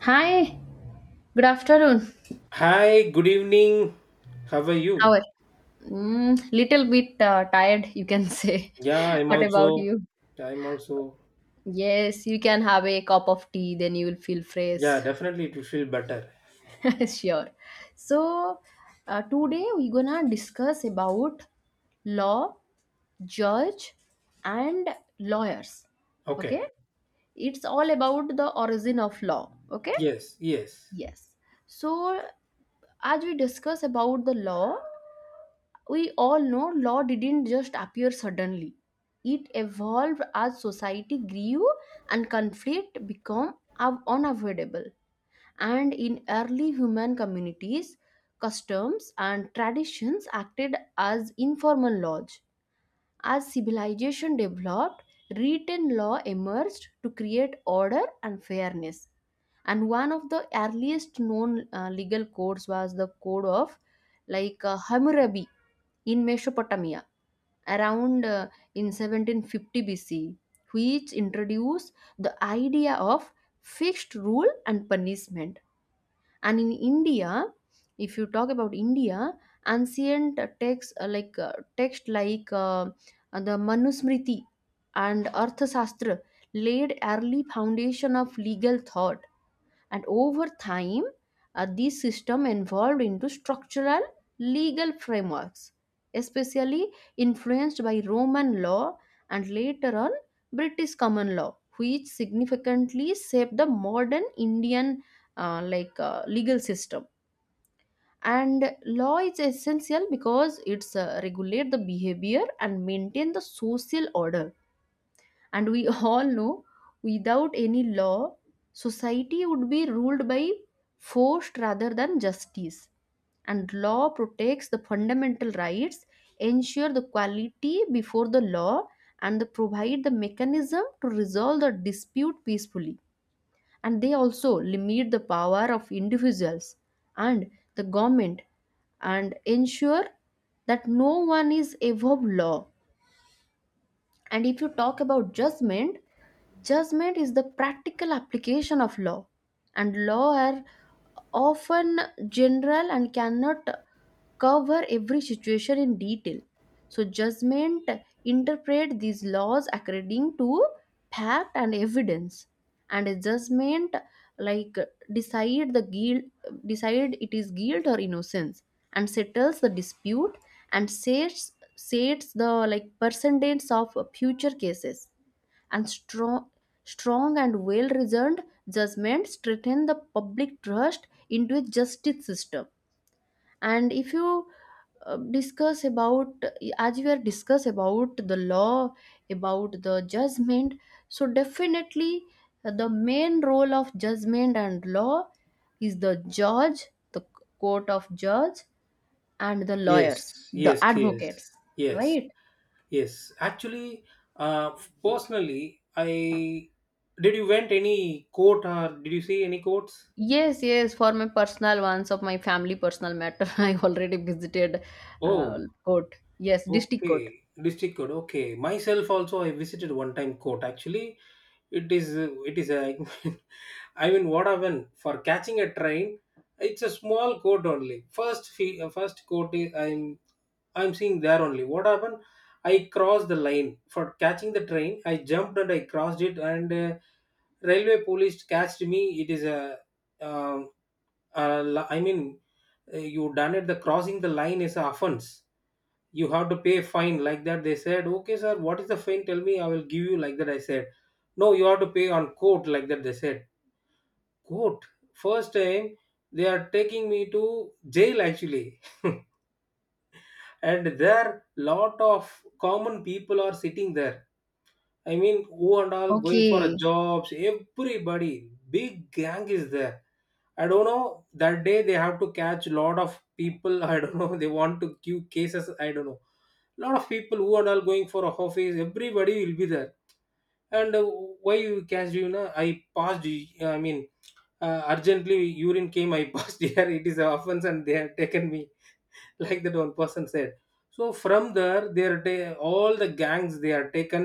Hi, good afternoon. Hi, good evening. How are How you? are little bit tired, you can say. Yeah, I'm What about also, you? I'm also, Yes, you can have a cup of tea, then you will feel fresh. yeah, definitely it will feel better. Sure. So, today we're gonna discuss about law, judge, and lawyers. Okay. Okay? It's all about the origin of law. Okay? Yes, yes, Yes. So, as we discuss about the law, we all know law didn't just appear suddenly, it evolved as society grew and conflict became unavoidable. And in early human communities, customs and traditions acted as informal laws. As civilization developed, written law emerged to create order and fairness. And one of the earliest known legal codes was the code of Hammurabi in Mesopotamia around in 1750 BC, which introduced the idea of fixed rule and punishment. And in India, if you talk about India, ancient texts uh, like uh, text like the Manusmriti and Arthashastra laid early foundation of legal thought. And over time, these systems evolved into structural legal frameworks, especially influenced by Roman law and later on British common law, which significantly shaped the modern Indian legal system. And law is essential because it's regulate the behavior and maintain the social order. And we all know without any law society would be ruled by force rather than justice. And law protects the fundamental rights, ensure the quality before the law, and they provide the mechanism to resolve the dispute peacefully. And they also limit the power of individuals and the government and ensure that no one is above law. And if you talk about judgment, judgment is the practical application of law, and law are often general and cannot cover every situation in detail. So judgment interpret these laws according to fact and evidence. And a judgment like decide the guilt, decide it is guilt or innocence, and settles the dispute and sets the like percentage of future cases. And strong and well reasoned judgments strengthen the public trust into a justice system. And if you discuss about as we are discuss about the law, about the judgment, so definitely, the main role of judgment and law is the judge, the court of judge, and the yes, lawyers, the yes, yes, advocates, yes, right? yes. Actually, uh, personally, I did you went any court or did you see any courts? Yes, yes, for my personal ones of my family personal matter, I already visited Oh, court. Yes, district court. okay, district code. Okay, myself also I visited one time court. Actually, it is a I mean, what happened for catching a train? It's a small court only. First court is I'm seeing there only. What happened? I crossed the line for catching the train. I jumped and I crossed it, and railway police catched me. It is a um, uh, I mean you done it. The crossing the line is a offense, you have to pay fine, like that they said. Okay sir, what is the fine, tell me, I will give you, like that I said. No, you have to pay on court, like that they said. Court first time, they are taking me to jail actually. And there lot of common people are sitting there. I mean, who and all going for a Okay. jobs, everybody, big gang is there. I don't know. That day they have to catch lot of people. I don't know. They want to queue cases. I don't know. Lot of people who and all going for a office. Everybody will be there. And why you catch, you know? I passed. I mean, urgently urine came. I passed here. It is an offense, and they have taken me. Like that one person said. So from there all the gangs they are taken,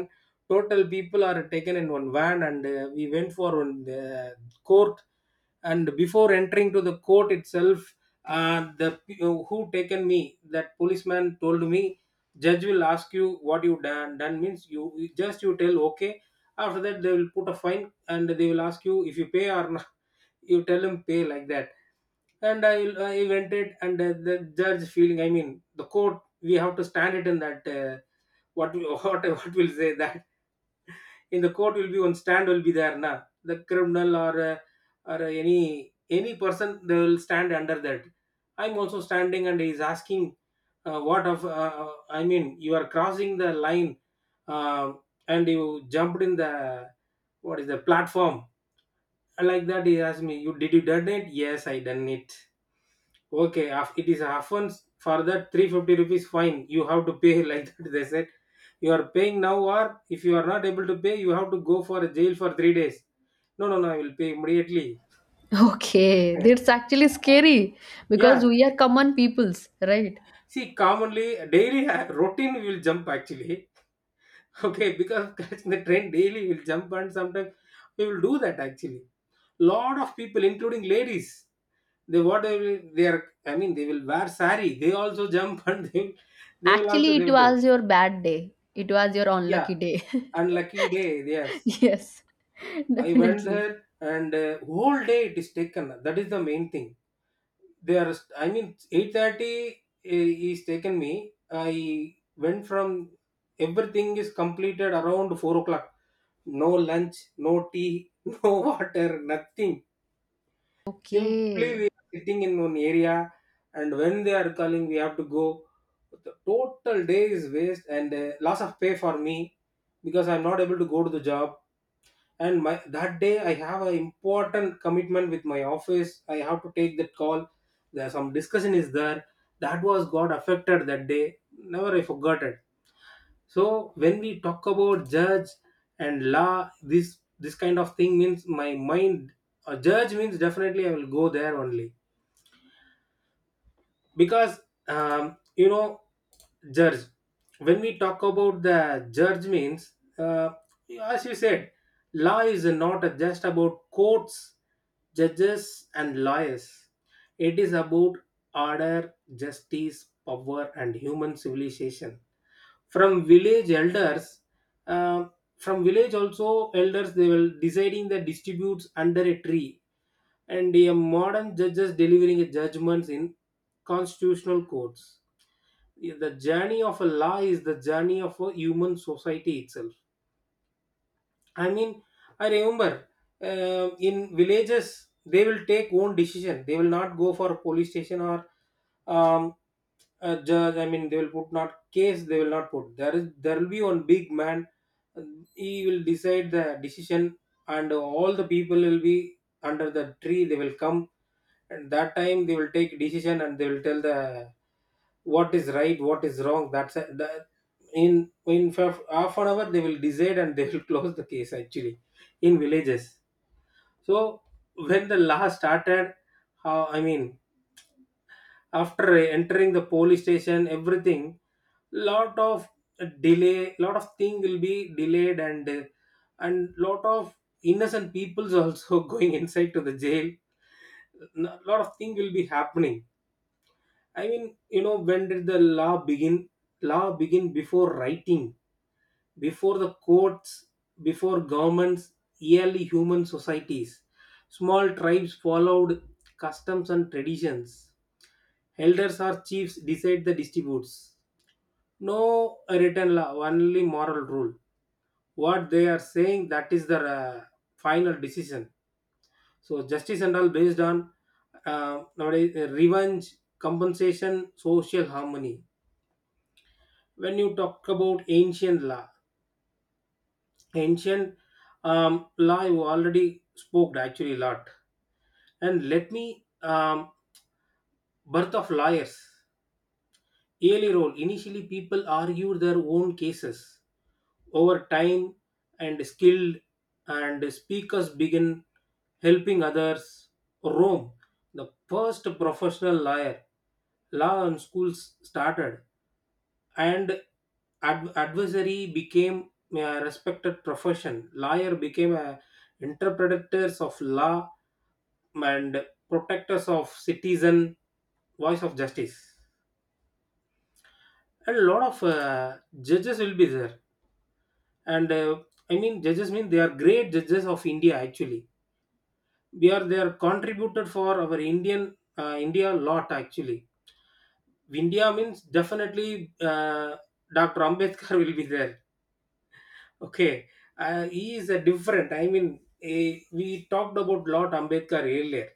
total people are taken in one van, and we went for one court. And before entering to the court itself, who taken me, that policeman told me, judge will ask you what you done, done means you you just you tell okay. After that they will put a fine and they will ask you if you pay or not. You tell him pay, like that. And I invented, and the judge feeling. I mean, the court, we have to stand it in that what will say that, in the court will be one stand will be there na, the criminal or any person, they will stand under that. I'm also standing and he's asking what of I mean, you are crossing the line, uh, and you jumped in the, what is the platform, like that he asked me. You did, you done it? Yes, I done it. It is often, for that 350 rupees fine you have to pay, like that they said. You are paying now, or if you are not able to pay, you have to go for a jail for 3 days. No, no, no, I will pay immediately. Okay, that's actually scary Yeah, because we are common peoples, right? see, commonly daily routine we will jump actually. Okay, because catching the train daily will jump, and sometimes we will do that actually. Lot of people, including ladies, they what they will, they are. I mean, they will wear sari. They also jump and they will also Actually, they it will do. was your bad day, it was your Yeah, unlucky day. and lucky day, yes, Yes, I went definitely. there, and whole day it is taken, that is the main thing. They are, I mean, 8:30 is taken me. I went from, everything is completed around 4 o'clock. No lunch, no tea, no water, nothing. Simply we Okay, are sitting in one area, and when they are calling we have to go. The total day is waste, and loss of pay for me because I'm not able to go to the job. And my, that day I have an important commitment with my office, I have to take that call. There is some discussion is there, that was got affected that day, never I forgot it. So when we talk about judge and law, this kind of thing means my mind, a judge means definitely I will go there only. Because you know, judge, when we talk about the judge means, uh, as you said, law is not just about courts, judges and lawyers. It is about order, justice, power and human civilization. From village elders, um, from village also, elders they will deciding the disputes under a tree, and a modern judges delivering a judgments in constitutional courts. The journey of a law is the journey of a human society itself. I mean, I remember in villages they will take own decision. They will not go for police station or um, a judge. I mean, they will put not case. They will not put. There is, there will be one big man. uh, He will decide the decision, and all the people will be under the tree. They will come, and that time they will take decision and they will tell the what is right, what is wrong. That's a, the, in in half an hour they will decide and they will close the case actually in villages. So when the law started, how, I mean, after entering the police station, everything, lot of delay, lot of thing will be delayed, and and lot of innocent people's also going inside to the jail. Lot of thing will be happening. I mean, you know, when did the law begin? Law begin before writing, before the courts, before governments, early human societies. Small tribes followed customs and traditions. Elders or chiefs decide the disputes. No written law, only moral rule. What they are saying, that is the final decision. So justice and all based on nowadays revenge, compensation, social harmony. When you talk about ancient law, ancient law, you already spoke actually a lot. And let me, birth of lawyers, early role, initially people argued their own cases. Over time, and skilled and speakers begin helping others. Rome, the first professional lawyer, law and schools started, and adversary became a respected profession. Lawyer became a interpreters of law, and protectors of citizen, voice of justice. And a lot of judges will be there, and I mean, judges mean, they are great judges of India actually. We are, they are contributed for our Indian, India lot actually. India means definitely, Dr. Ambedkar will be there. Okay, he is a different. I mean, eh, we talked about Lord Ambedkar earlier.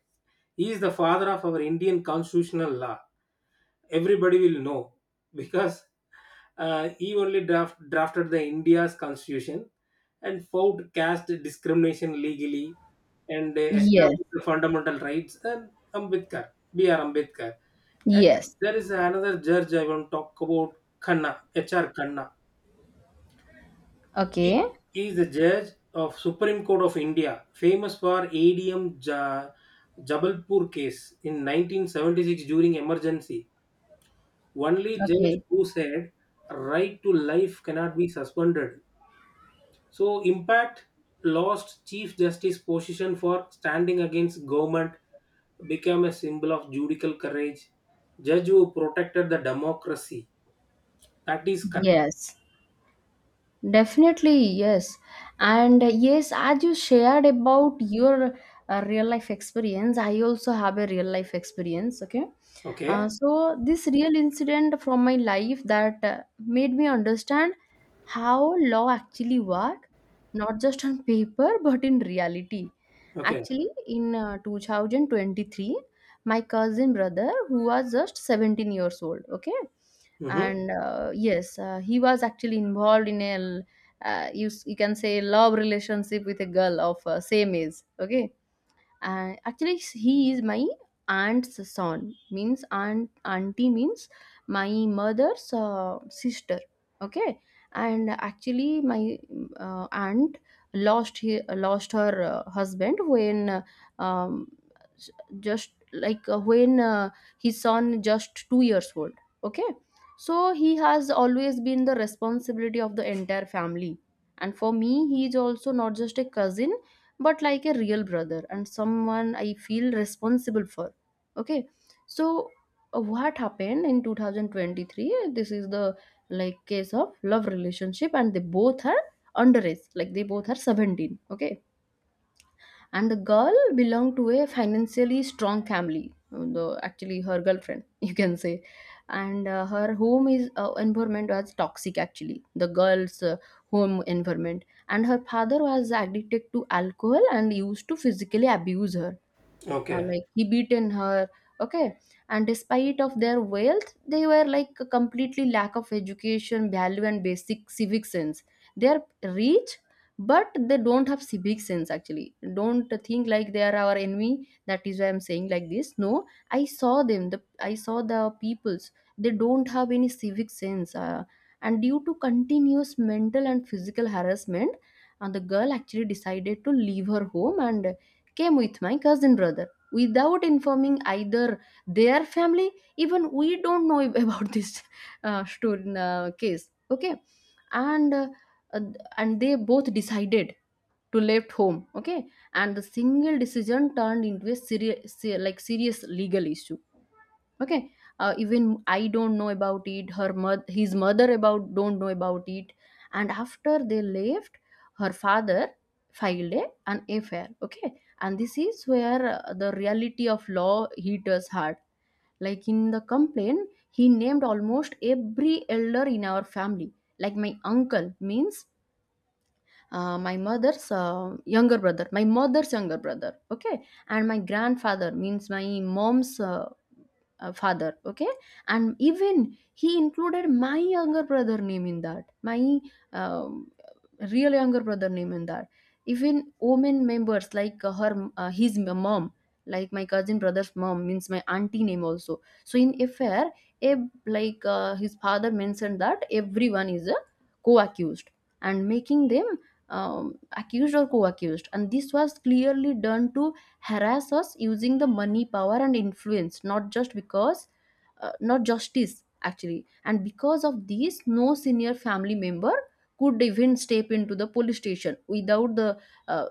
He is the father of our Indian constitutional law. Everybody will know because he only drafted the India's constitution and fought caste discrimination legally and eh, yes, established the fundamental rights. And Ambedkar, B.R. Ambedkar. And yes. there is another judge I want to talk about, Khanna, H.R. Khanna. He Okay, he is the judge of Supreme Court of India, famous for ADM Jabalpur case in 1976 during emergency. Only judge okay, who said right to life cannot be suspended. So impact, lost Chief Justice position for standing against government, became a symbol of judicial courage. Judge who protected the democracy. That is correct. yes. Definitely, yes. And yes, as you shared about your real life experience, I also have a real life experience. Okay. Okay. This real incident from my life that made me understand how law actually work, not just on paper, but in reality. Okay. Actually, in 2023, my cousin brother, who was just 17 years old, okay, Mm-hmm. and he was actually involved in a you can say love relationship with a girl of same age, okay. And actually he is my aunt's son, means aunt, auntie means my mother's sister, okay. And actually my aunt lost, he lost her husband when um, s- just like when his son just 2 years old, okay. So he has always been the responsibility of the entire family, and for me he is also not just a cousin but like a real brother and someone I feel responsible for. Okay, so what happened in 2023? This is the like case of love relationship, and they both are underage, like they both are 17. Okay, and the girl belonged to a financially strong family, the actually her girlfriend you can say. And her home is environment was toxic, actually the girl's home environment, and her father was addicted to alcohol and used to physically abuse her, Okay. like he beaten her, okay. And despite of their wealth, they were like a completely lack of education value and basic civic sense. They are rich but they don't have civic sense, actually, don't think like they are our enemy, that is why I'm saying like this, no. I saw them, the, I saw the peoples, they don't have any civic sense. And due to continuous mental and physical harassment, and the girl actually decided to leave her home and came with my cousin brother without informing either their family. Even we don't know about this story case, okay. And uh, uh, and they both decided to left home, okay. And the single decision turned into a serious, like serious legal issue, okay. Even I don't know about it, her mother, his mother about, don't know about it. And after they left, her father filed a, an affair, okay. And this is where the reality of law hit us hard. Like in the complaint, he named almost every elder in our family, like my uncle, means my mother's younger brother, my mother's younger brother, okay. And my grandfather, means my mom's father, okay. And even he included my younger brother name in that, my um, real younger brother name in that. Even women members, like her his mom, like my cousin brother's mom, means my auntie name also so in affair. Ab, like his father mentioned that everyone is a co-accused and making them accused or co-accused. And this was clearly done to harass us using the money power and influence, not just because not justice actually. And because of this, no senior family member could even step into the police station without the uh,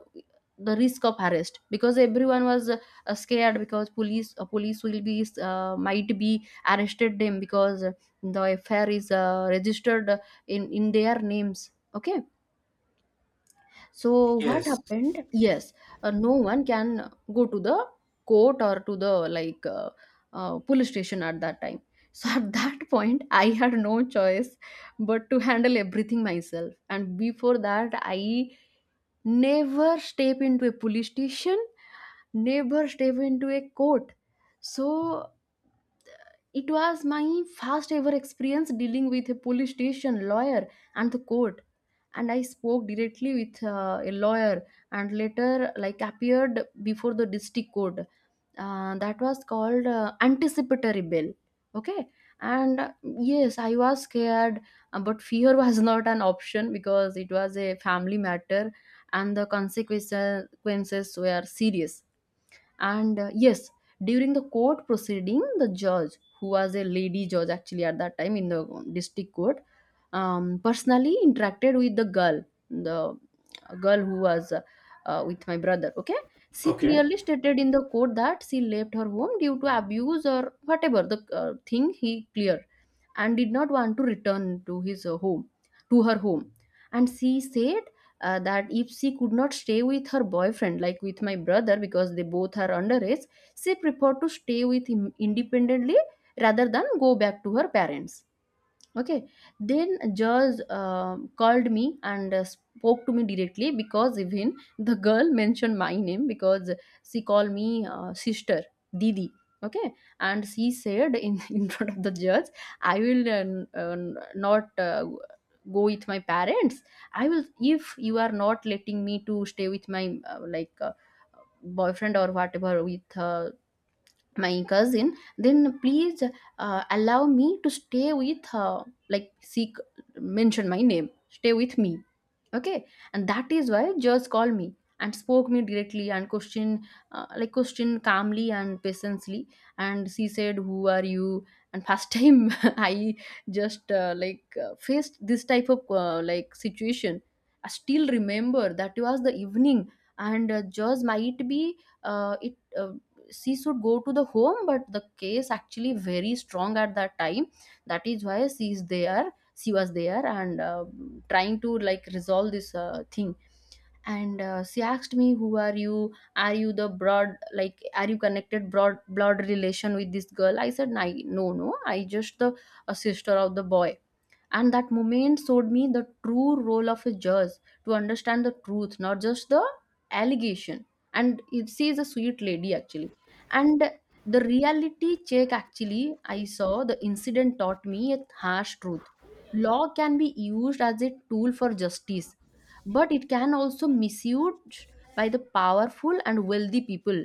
the risk of arrest, because everyone was scared because police will be might be arrested them because the affair is registered in their names, okay. So what Yes. happened? Yes, no one can go to the court or to the police station at that time. So at that point, I had no choice but to handle everything myself. And before that, I never step into a police station, never step into a court. So it was my first ever experience dealing with a police station lawyer and the court. And I spoke directly with a lawyer and later like appeared before the district court. That was called anticipatory bail. Okay. And yes, I was scared, but fear was not an option because it was a family matter and the consequences were serious. And yes, during the court proceeding, the judge, who was a lady judge actually at that time in the district court, personally interacted with the girl who was with my brother. Okay, she Okay. clearly stated in the court that she left her home due to abuse or whatever the thing he cleared, and did not want to return to his home, to her home. And she said that if she could not stay with her boyfriend, like with my brother, because they both are underage, she preferred to stay with him independently rather than go back to her parents. Okay, then George called me and spoke to me directly because even the girl mentioned my name, because she called me sister, Didi. Okay, and she said in, in front of the judge, I will uh, not go with my parents. I will, if you are not letting me to stay with my boyfriend or whatever with my cousin, then please allow me to stay with her, like seek, mention my name, stay with me. Okay. And that is why just called me and spoke me directly and questioned, like questioned calmly and patiently. And she said, who are you? And first time I just faced this type of like situation. I still remember that was the evening. And just might be it she should go to the home, but the case actually very strong at that time. That is why she is there, she was there, and trying to like resolve this thing. And she asked me, who are you, are you the broad, like are you connected broad blood relation with this girl? I said, No, no, I just the a sister of the boy." And that moment showed me the true role of a judge, to understand the truth, not just the allegation. And if she is a sweet lady actually. And the reality check actually, I saw. The incident taught me a harsh truth. Law can be used as a tool for justice, but it can also misused by the powerful and wealthy people,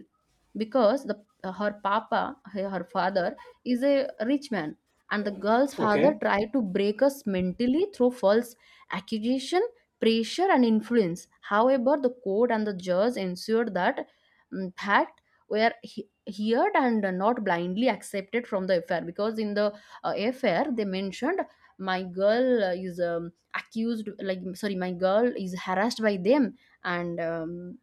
because the her papa, her father is a rich man. And the girl's Okay. father tried to break us mentally through false accusation, pressure and influence. However, the court and the judge ensured that fact were heard and not blindly accepted from the affair. Because in the affair, they mentioned my girl is accused, like sorry, my girl is harassed by them. And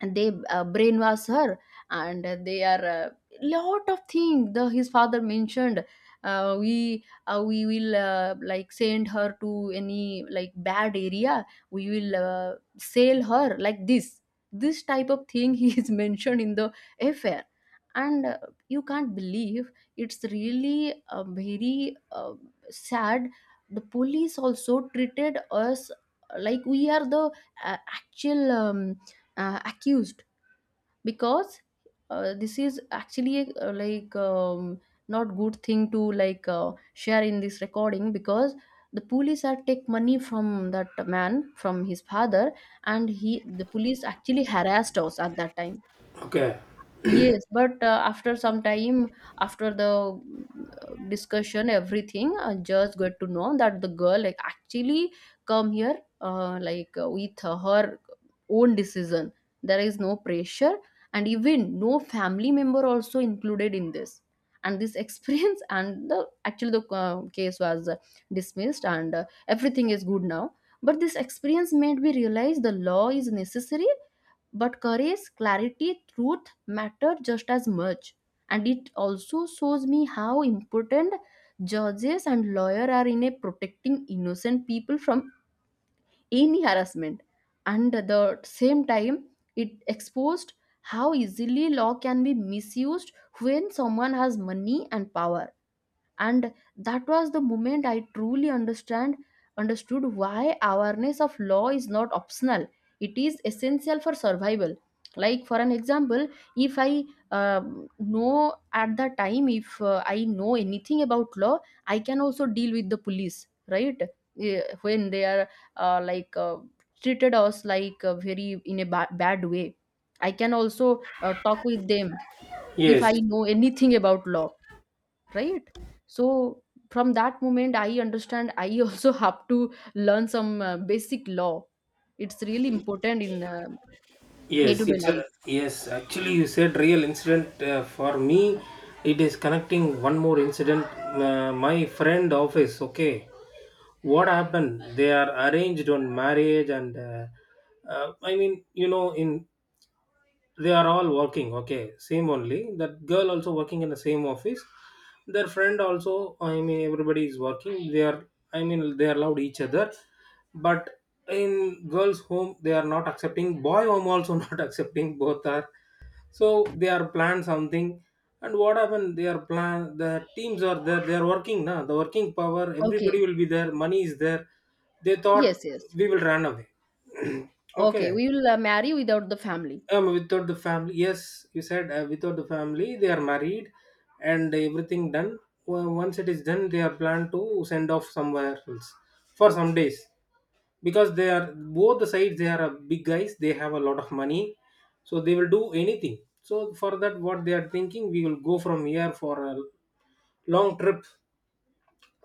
and they brainwash her. And they are lot of things the his father mentioned. We will like send her to any like bad area, we will sell her like this type of thing he is mentioned in the affair. And you can't believe, it's really very sad. The police also treated us like we are the actual accused. Because this is actually a, not good thing to like share in this recording, because the police are take money from that man, from his father. And he, the police actually harassed us at that time. Okay. Yes, but after some time, after the discussion, everything, I just got to know that the girl like actually come here with her own decision. There is no pressure, and even no family member also included in this. And this experience and the actually the case was dismissed, and everything is good now. But this experience made me realize the law is necessary, but courage, clarity, truth, matter just as much. And it also shows me how important judges and lawyer are in a protecting innocent people from any harassment. And at the same time, it exposed how easily law can be misused when someone has money and power. And that was the moment I truly understand understood why awareness of law is not optional, it is essential for survival. Like for an example, if I know at the time, if I know anything about law, I can also deal with the police, right? Eh, when they are uh, like uh, treated us like very in a bad way, I can also talk with them if I Yes. know anything about law, right? So from that moment I understand, I also have to learn some basic law. It's really important in Yes. day-to-day It's life. a yes. Actually, you said real incident. For me, it is connecting one more incident. My friend office. Okay. What happened? They are arranged on marriage and. I mean, you know, in, they are all working, okay, same only. That girl also working in the same office, their friend also, I mean, everybody is working. They are, I mean, they are allowed each other, but in girls home they are not accepting, boy home also not accepting, both are. So they are planned something, and what happened, they are plan, the teams are there, they are working now, the working power, everybody Okay. will be there, money is there. They thought Yes, yes. we will run away. Okay, Okay, we will marry without the family. Without the family, yes, you said, without the family they are married, and everything done. Well, once it is done they are planned to send off somewhere else for some days, because they are both the sides, they are big guys, they have a lot of money, so they will do anything. So for that, what they are thinking, we will go from here for a long trip.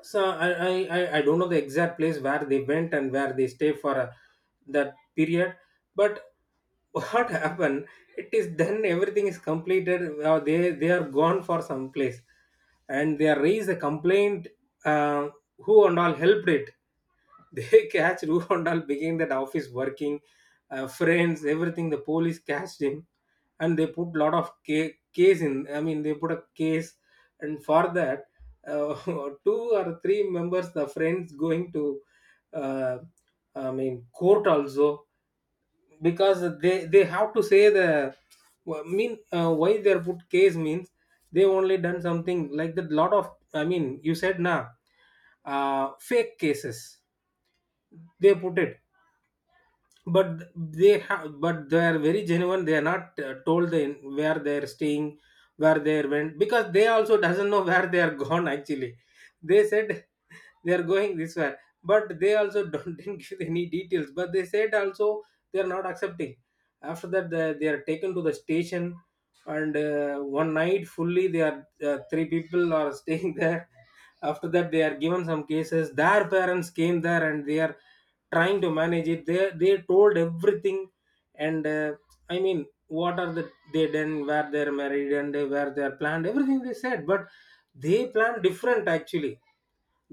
So I don't know the exact place where they went and where they stay for that period. But what happened, it is, then everything is completed, they are gone for some place, and they raise a complaint. uh, who and all helped it, they catch Rukondal, beginning that office working, friends, everything. The police catched him, and they put lot of case in. I mean, they put a case, and for that, uh, two or three members, the friends, going to, uh, court also because they have to say the wh- mean why they are put case means they only done something like that. Lot of, I mean, you said na, fake cases they put it, but they have, but they are very genuine. They are not told they, where they are staying, where they went, because they also doesn't know where they are gone. Actually, they said they are going this way, but they also don't didn't give any details. But they said also they are not accepting. After that, they are taken to the station, and one night fully they are three people are staying there. After that, they are given some cases. Their parents came there and they are trying to manage it. They told everything. And I mean, what are the they done, where they're married, and where they're planned everything they said. But they plan different actually.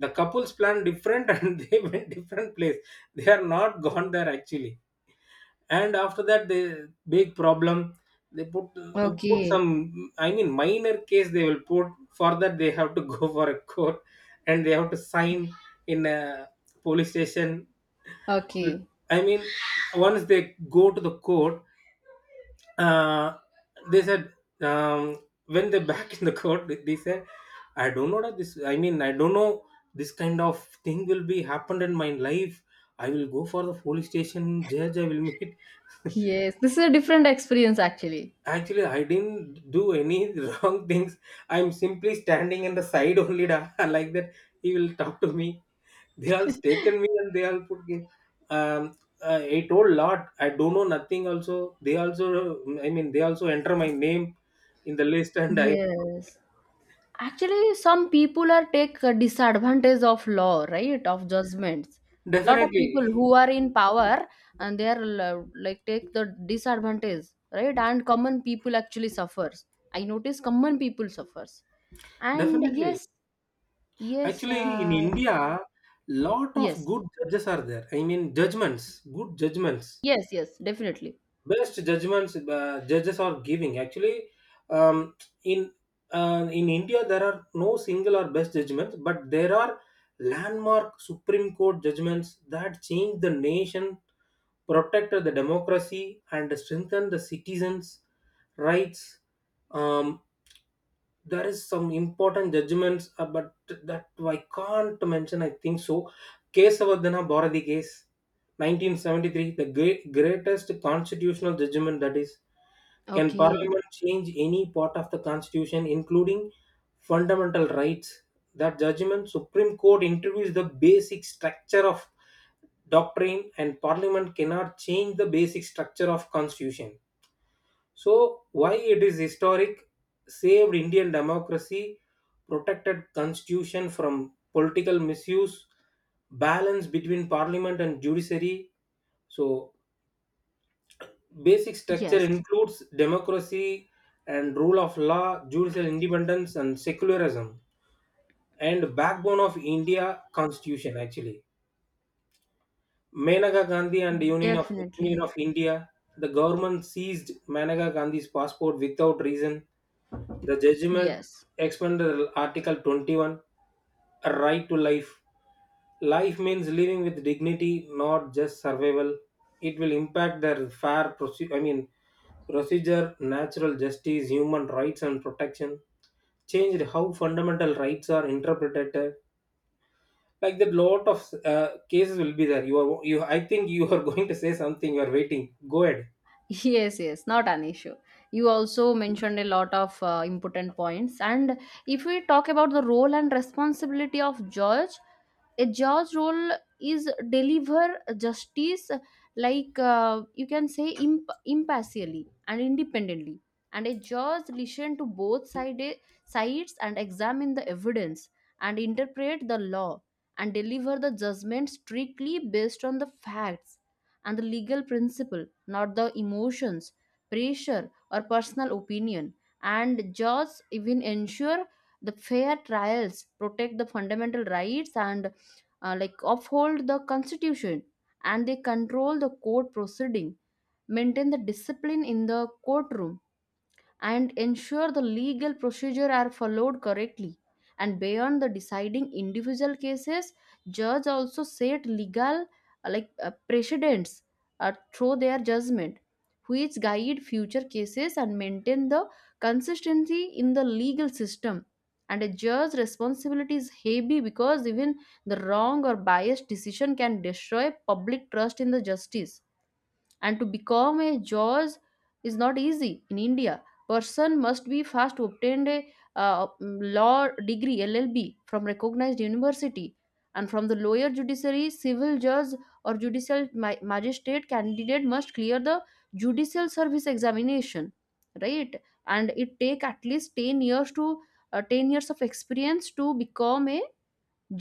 The couples plan different and they went different place. They are not gone there actually. And after that, they big problem they put, put Okay. some, I mean, minor case they will put. For that they have to go for a court and they have to sign in a police station. Okay, I mean, once they go to the court, uh, they said, um, when they back in the court they said, I don't know that this, I mean, I don't know this kind of thing will be happened in my life. I will go for the police station, judge I will meet. yes, this is a different experience actually. Actually, I didn't do any wrong things. I'm simply standing in the side only da, like that. He will talk to me. They all taken me and they all put me. Um, I told lot. I don't know nothing. Also, they also, I mean, they also enter my name in the list, and I Yes. Actually, some people are take a disadvantage of law, right? Of judgments. Lot of people definitely, who are in power, and they are like take the disadvantage, right? And common people actually suffers. I notice common people suffers. And definitely. yes, yes, Actually, in India, lot of yes, good judges are there. I mean, judgments, good judgments. yes, yes, definitely. Best judgments judges are giving actually. um, in in India, there are no single or best judgments, but there are landmark Supreme Court judgments that changed the nation, protected the democracy, and strengthened the citizens rights. um, there is some important judgments, but that I can't mention, I think so. Kesavadana Bharati case, 1973, the great, greatest constitutional judgment, that is, can Okay. Parliament change any part of the Constitution, including fundamental rights? That judgment, Supreme Court interviews the basic structure of doctrine, and Parliament cannot change the basic structure of Constitution. So, why it is historic? Saved Indian democracy, protected Constitution from political misuse, balance between Parliament and judiciary. So, basic structure Yes, includes democracy and rule of law, judicial independence, and secularism, and backbone of India Constitution. Actually, Menaka Gandhi and Union definitely. of India. The government seized Menaka Gandhi's passport without reason. The judgment Yes. expanded Article 21, a right to life. Life means living with dignity, not just survival. It will impact their fair procedure. I mean, procedure, natural justice, human rights, and protection. Changed how fundamental rights are interpreted. Like that, lot of cases will be there. You are, you, I think you are going to say something. You are waiting. Go ahead. Yes, yes, not an issue. You also mentioned a lot of important points. And if we talk about the role and responsibility of judge, a judge role is deliver justice, like you can say impartially and independently. And a judge listen to sides and examine the evidence and interpret the law and deliver the judgment strictly based on the facts and the legal principle, not the emotions, pressure, or personal opinion. And judges even ensure the fair trials, protect the fundamental rights, and uphold the constitution, and they control the court proceeding, maintain the discipline in the courtroom and ensure the legal procedure are followed correctly. And beyond the deciding individual cases, judge also set legal precedents through their judgment, which guide future cases and maintain the consistency in the legal system. And a judge's responsibility is heavy, because even the wrong or biased decision can destroy public trust in the justice. And to become a jaws is not easy in India. Person must be first obtained a law degree LLB from recognized university. And from the lawyer judiciary civil judge or judicial magistrate, candidate must clear the judicial service examination, right? And it take at least 10 years to 10 years of experience to become a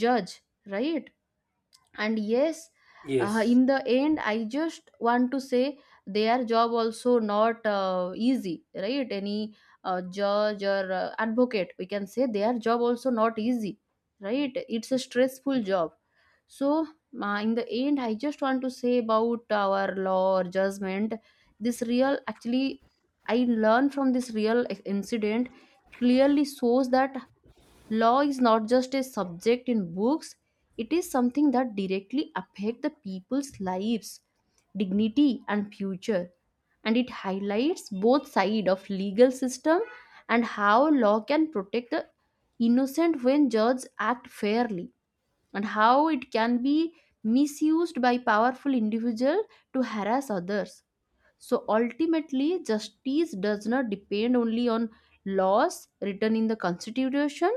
judge, right? And yes, Yes. in the end I just want to say, their job also not easy, right? Any judge or advocate, we can say their job also not easy, right? It's a stressful job. So in the end I just want to say about our law or judgment, this real actually I learned from this real incident clearly shows that law is not just a subject in books, it is something that directly affect the people's lives, dignity and future. And it highlights both side of legal system, and how law can protect the innocent when judges act fairly, and how it can be misused by powerful individual to harass others. So ultimately, justice does not depend only on laws written in the Constitution,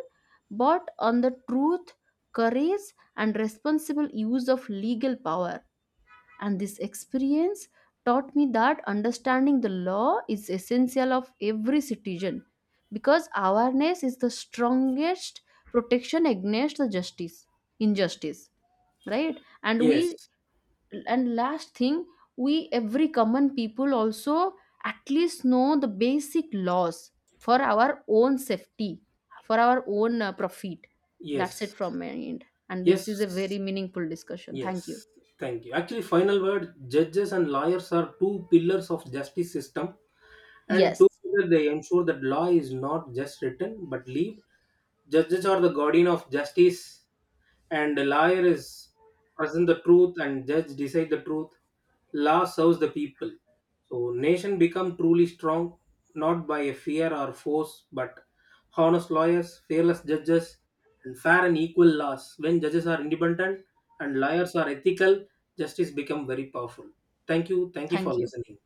but on the truth, courage, and responsible use of legal power. And this experience taught me that understanding the law is essential of every citizen, because awareness is the strongest protection against the justice, injustice, right? And Yes. we, and last thing, we every common people also at least know the basic laws for our own safety, for our own profit. That's it Yes. from my end. And this is a Yes. very meaningful discussion, thank you. Yes, thank you. Actually, final word, judges and lawyers are two pillars of justice system, and Yes, together they ensure that law is not just written but lived. Judges are the guardian of justice, and the lawyer is present the truth and judge decide the truth. Law serves the people. So nation become truly strong not by a fear or force but honest lawyers, fearless judges, and fair and equal laws. When judges are independent and lawyers are ethical, justice become very powerful. Thank you. Thank you for thank you. listening.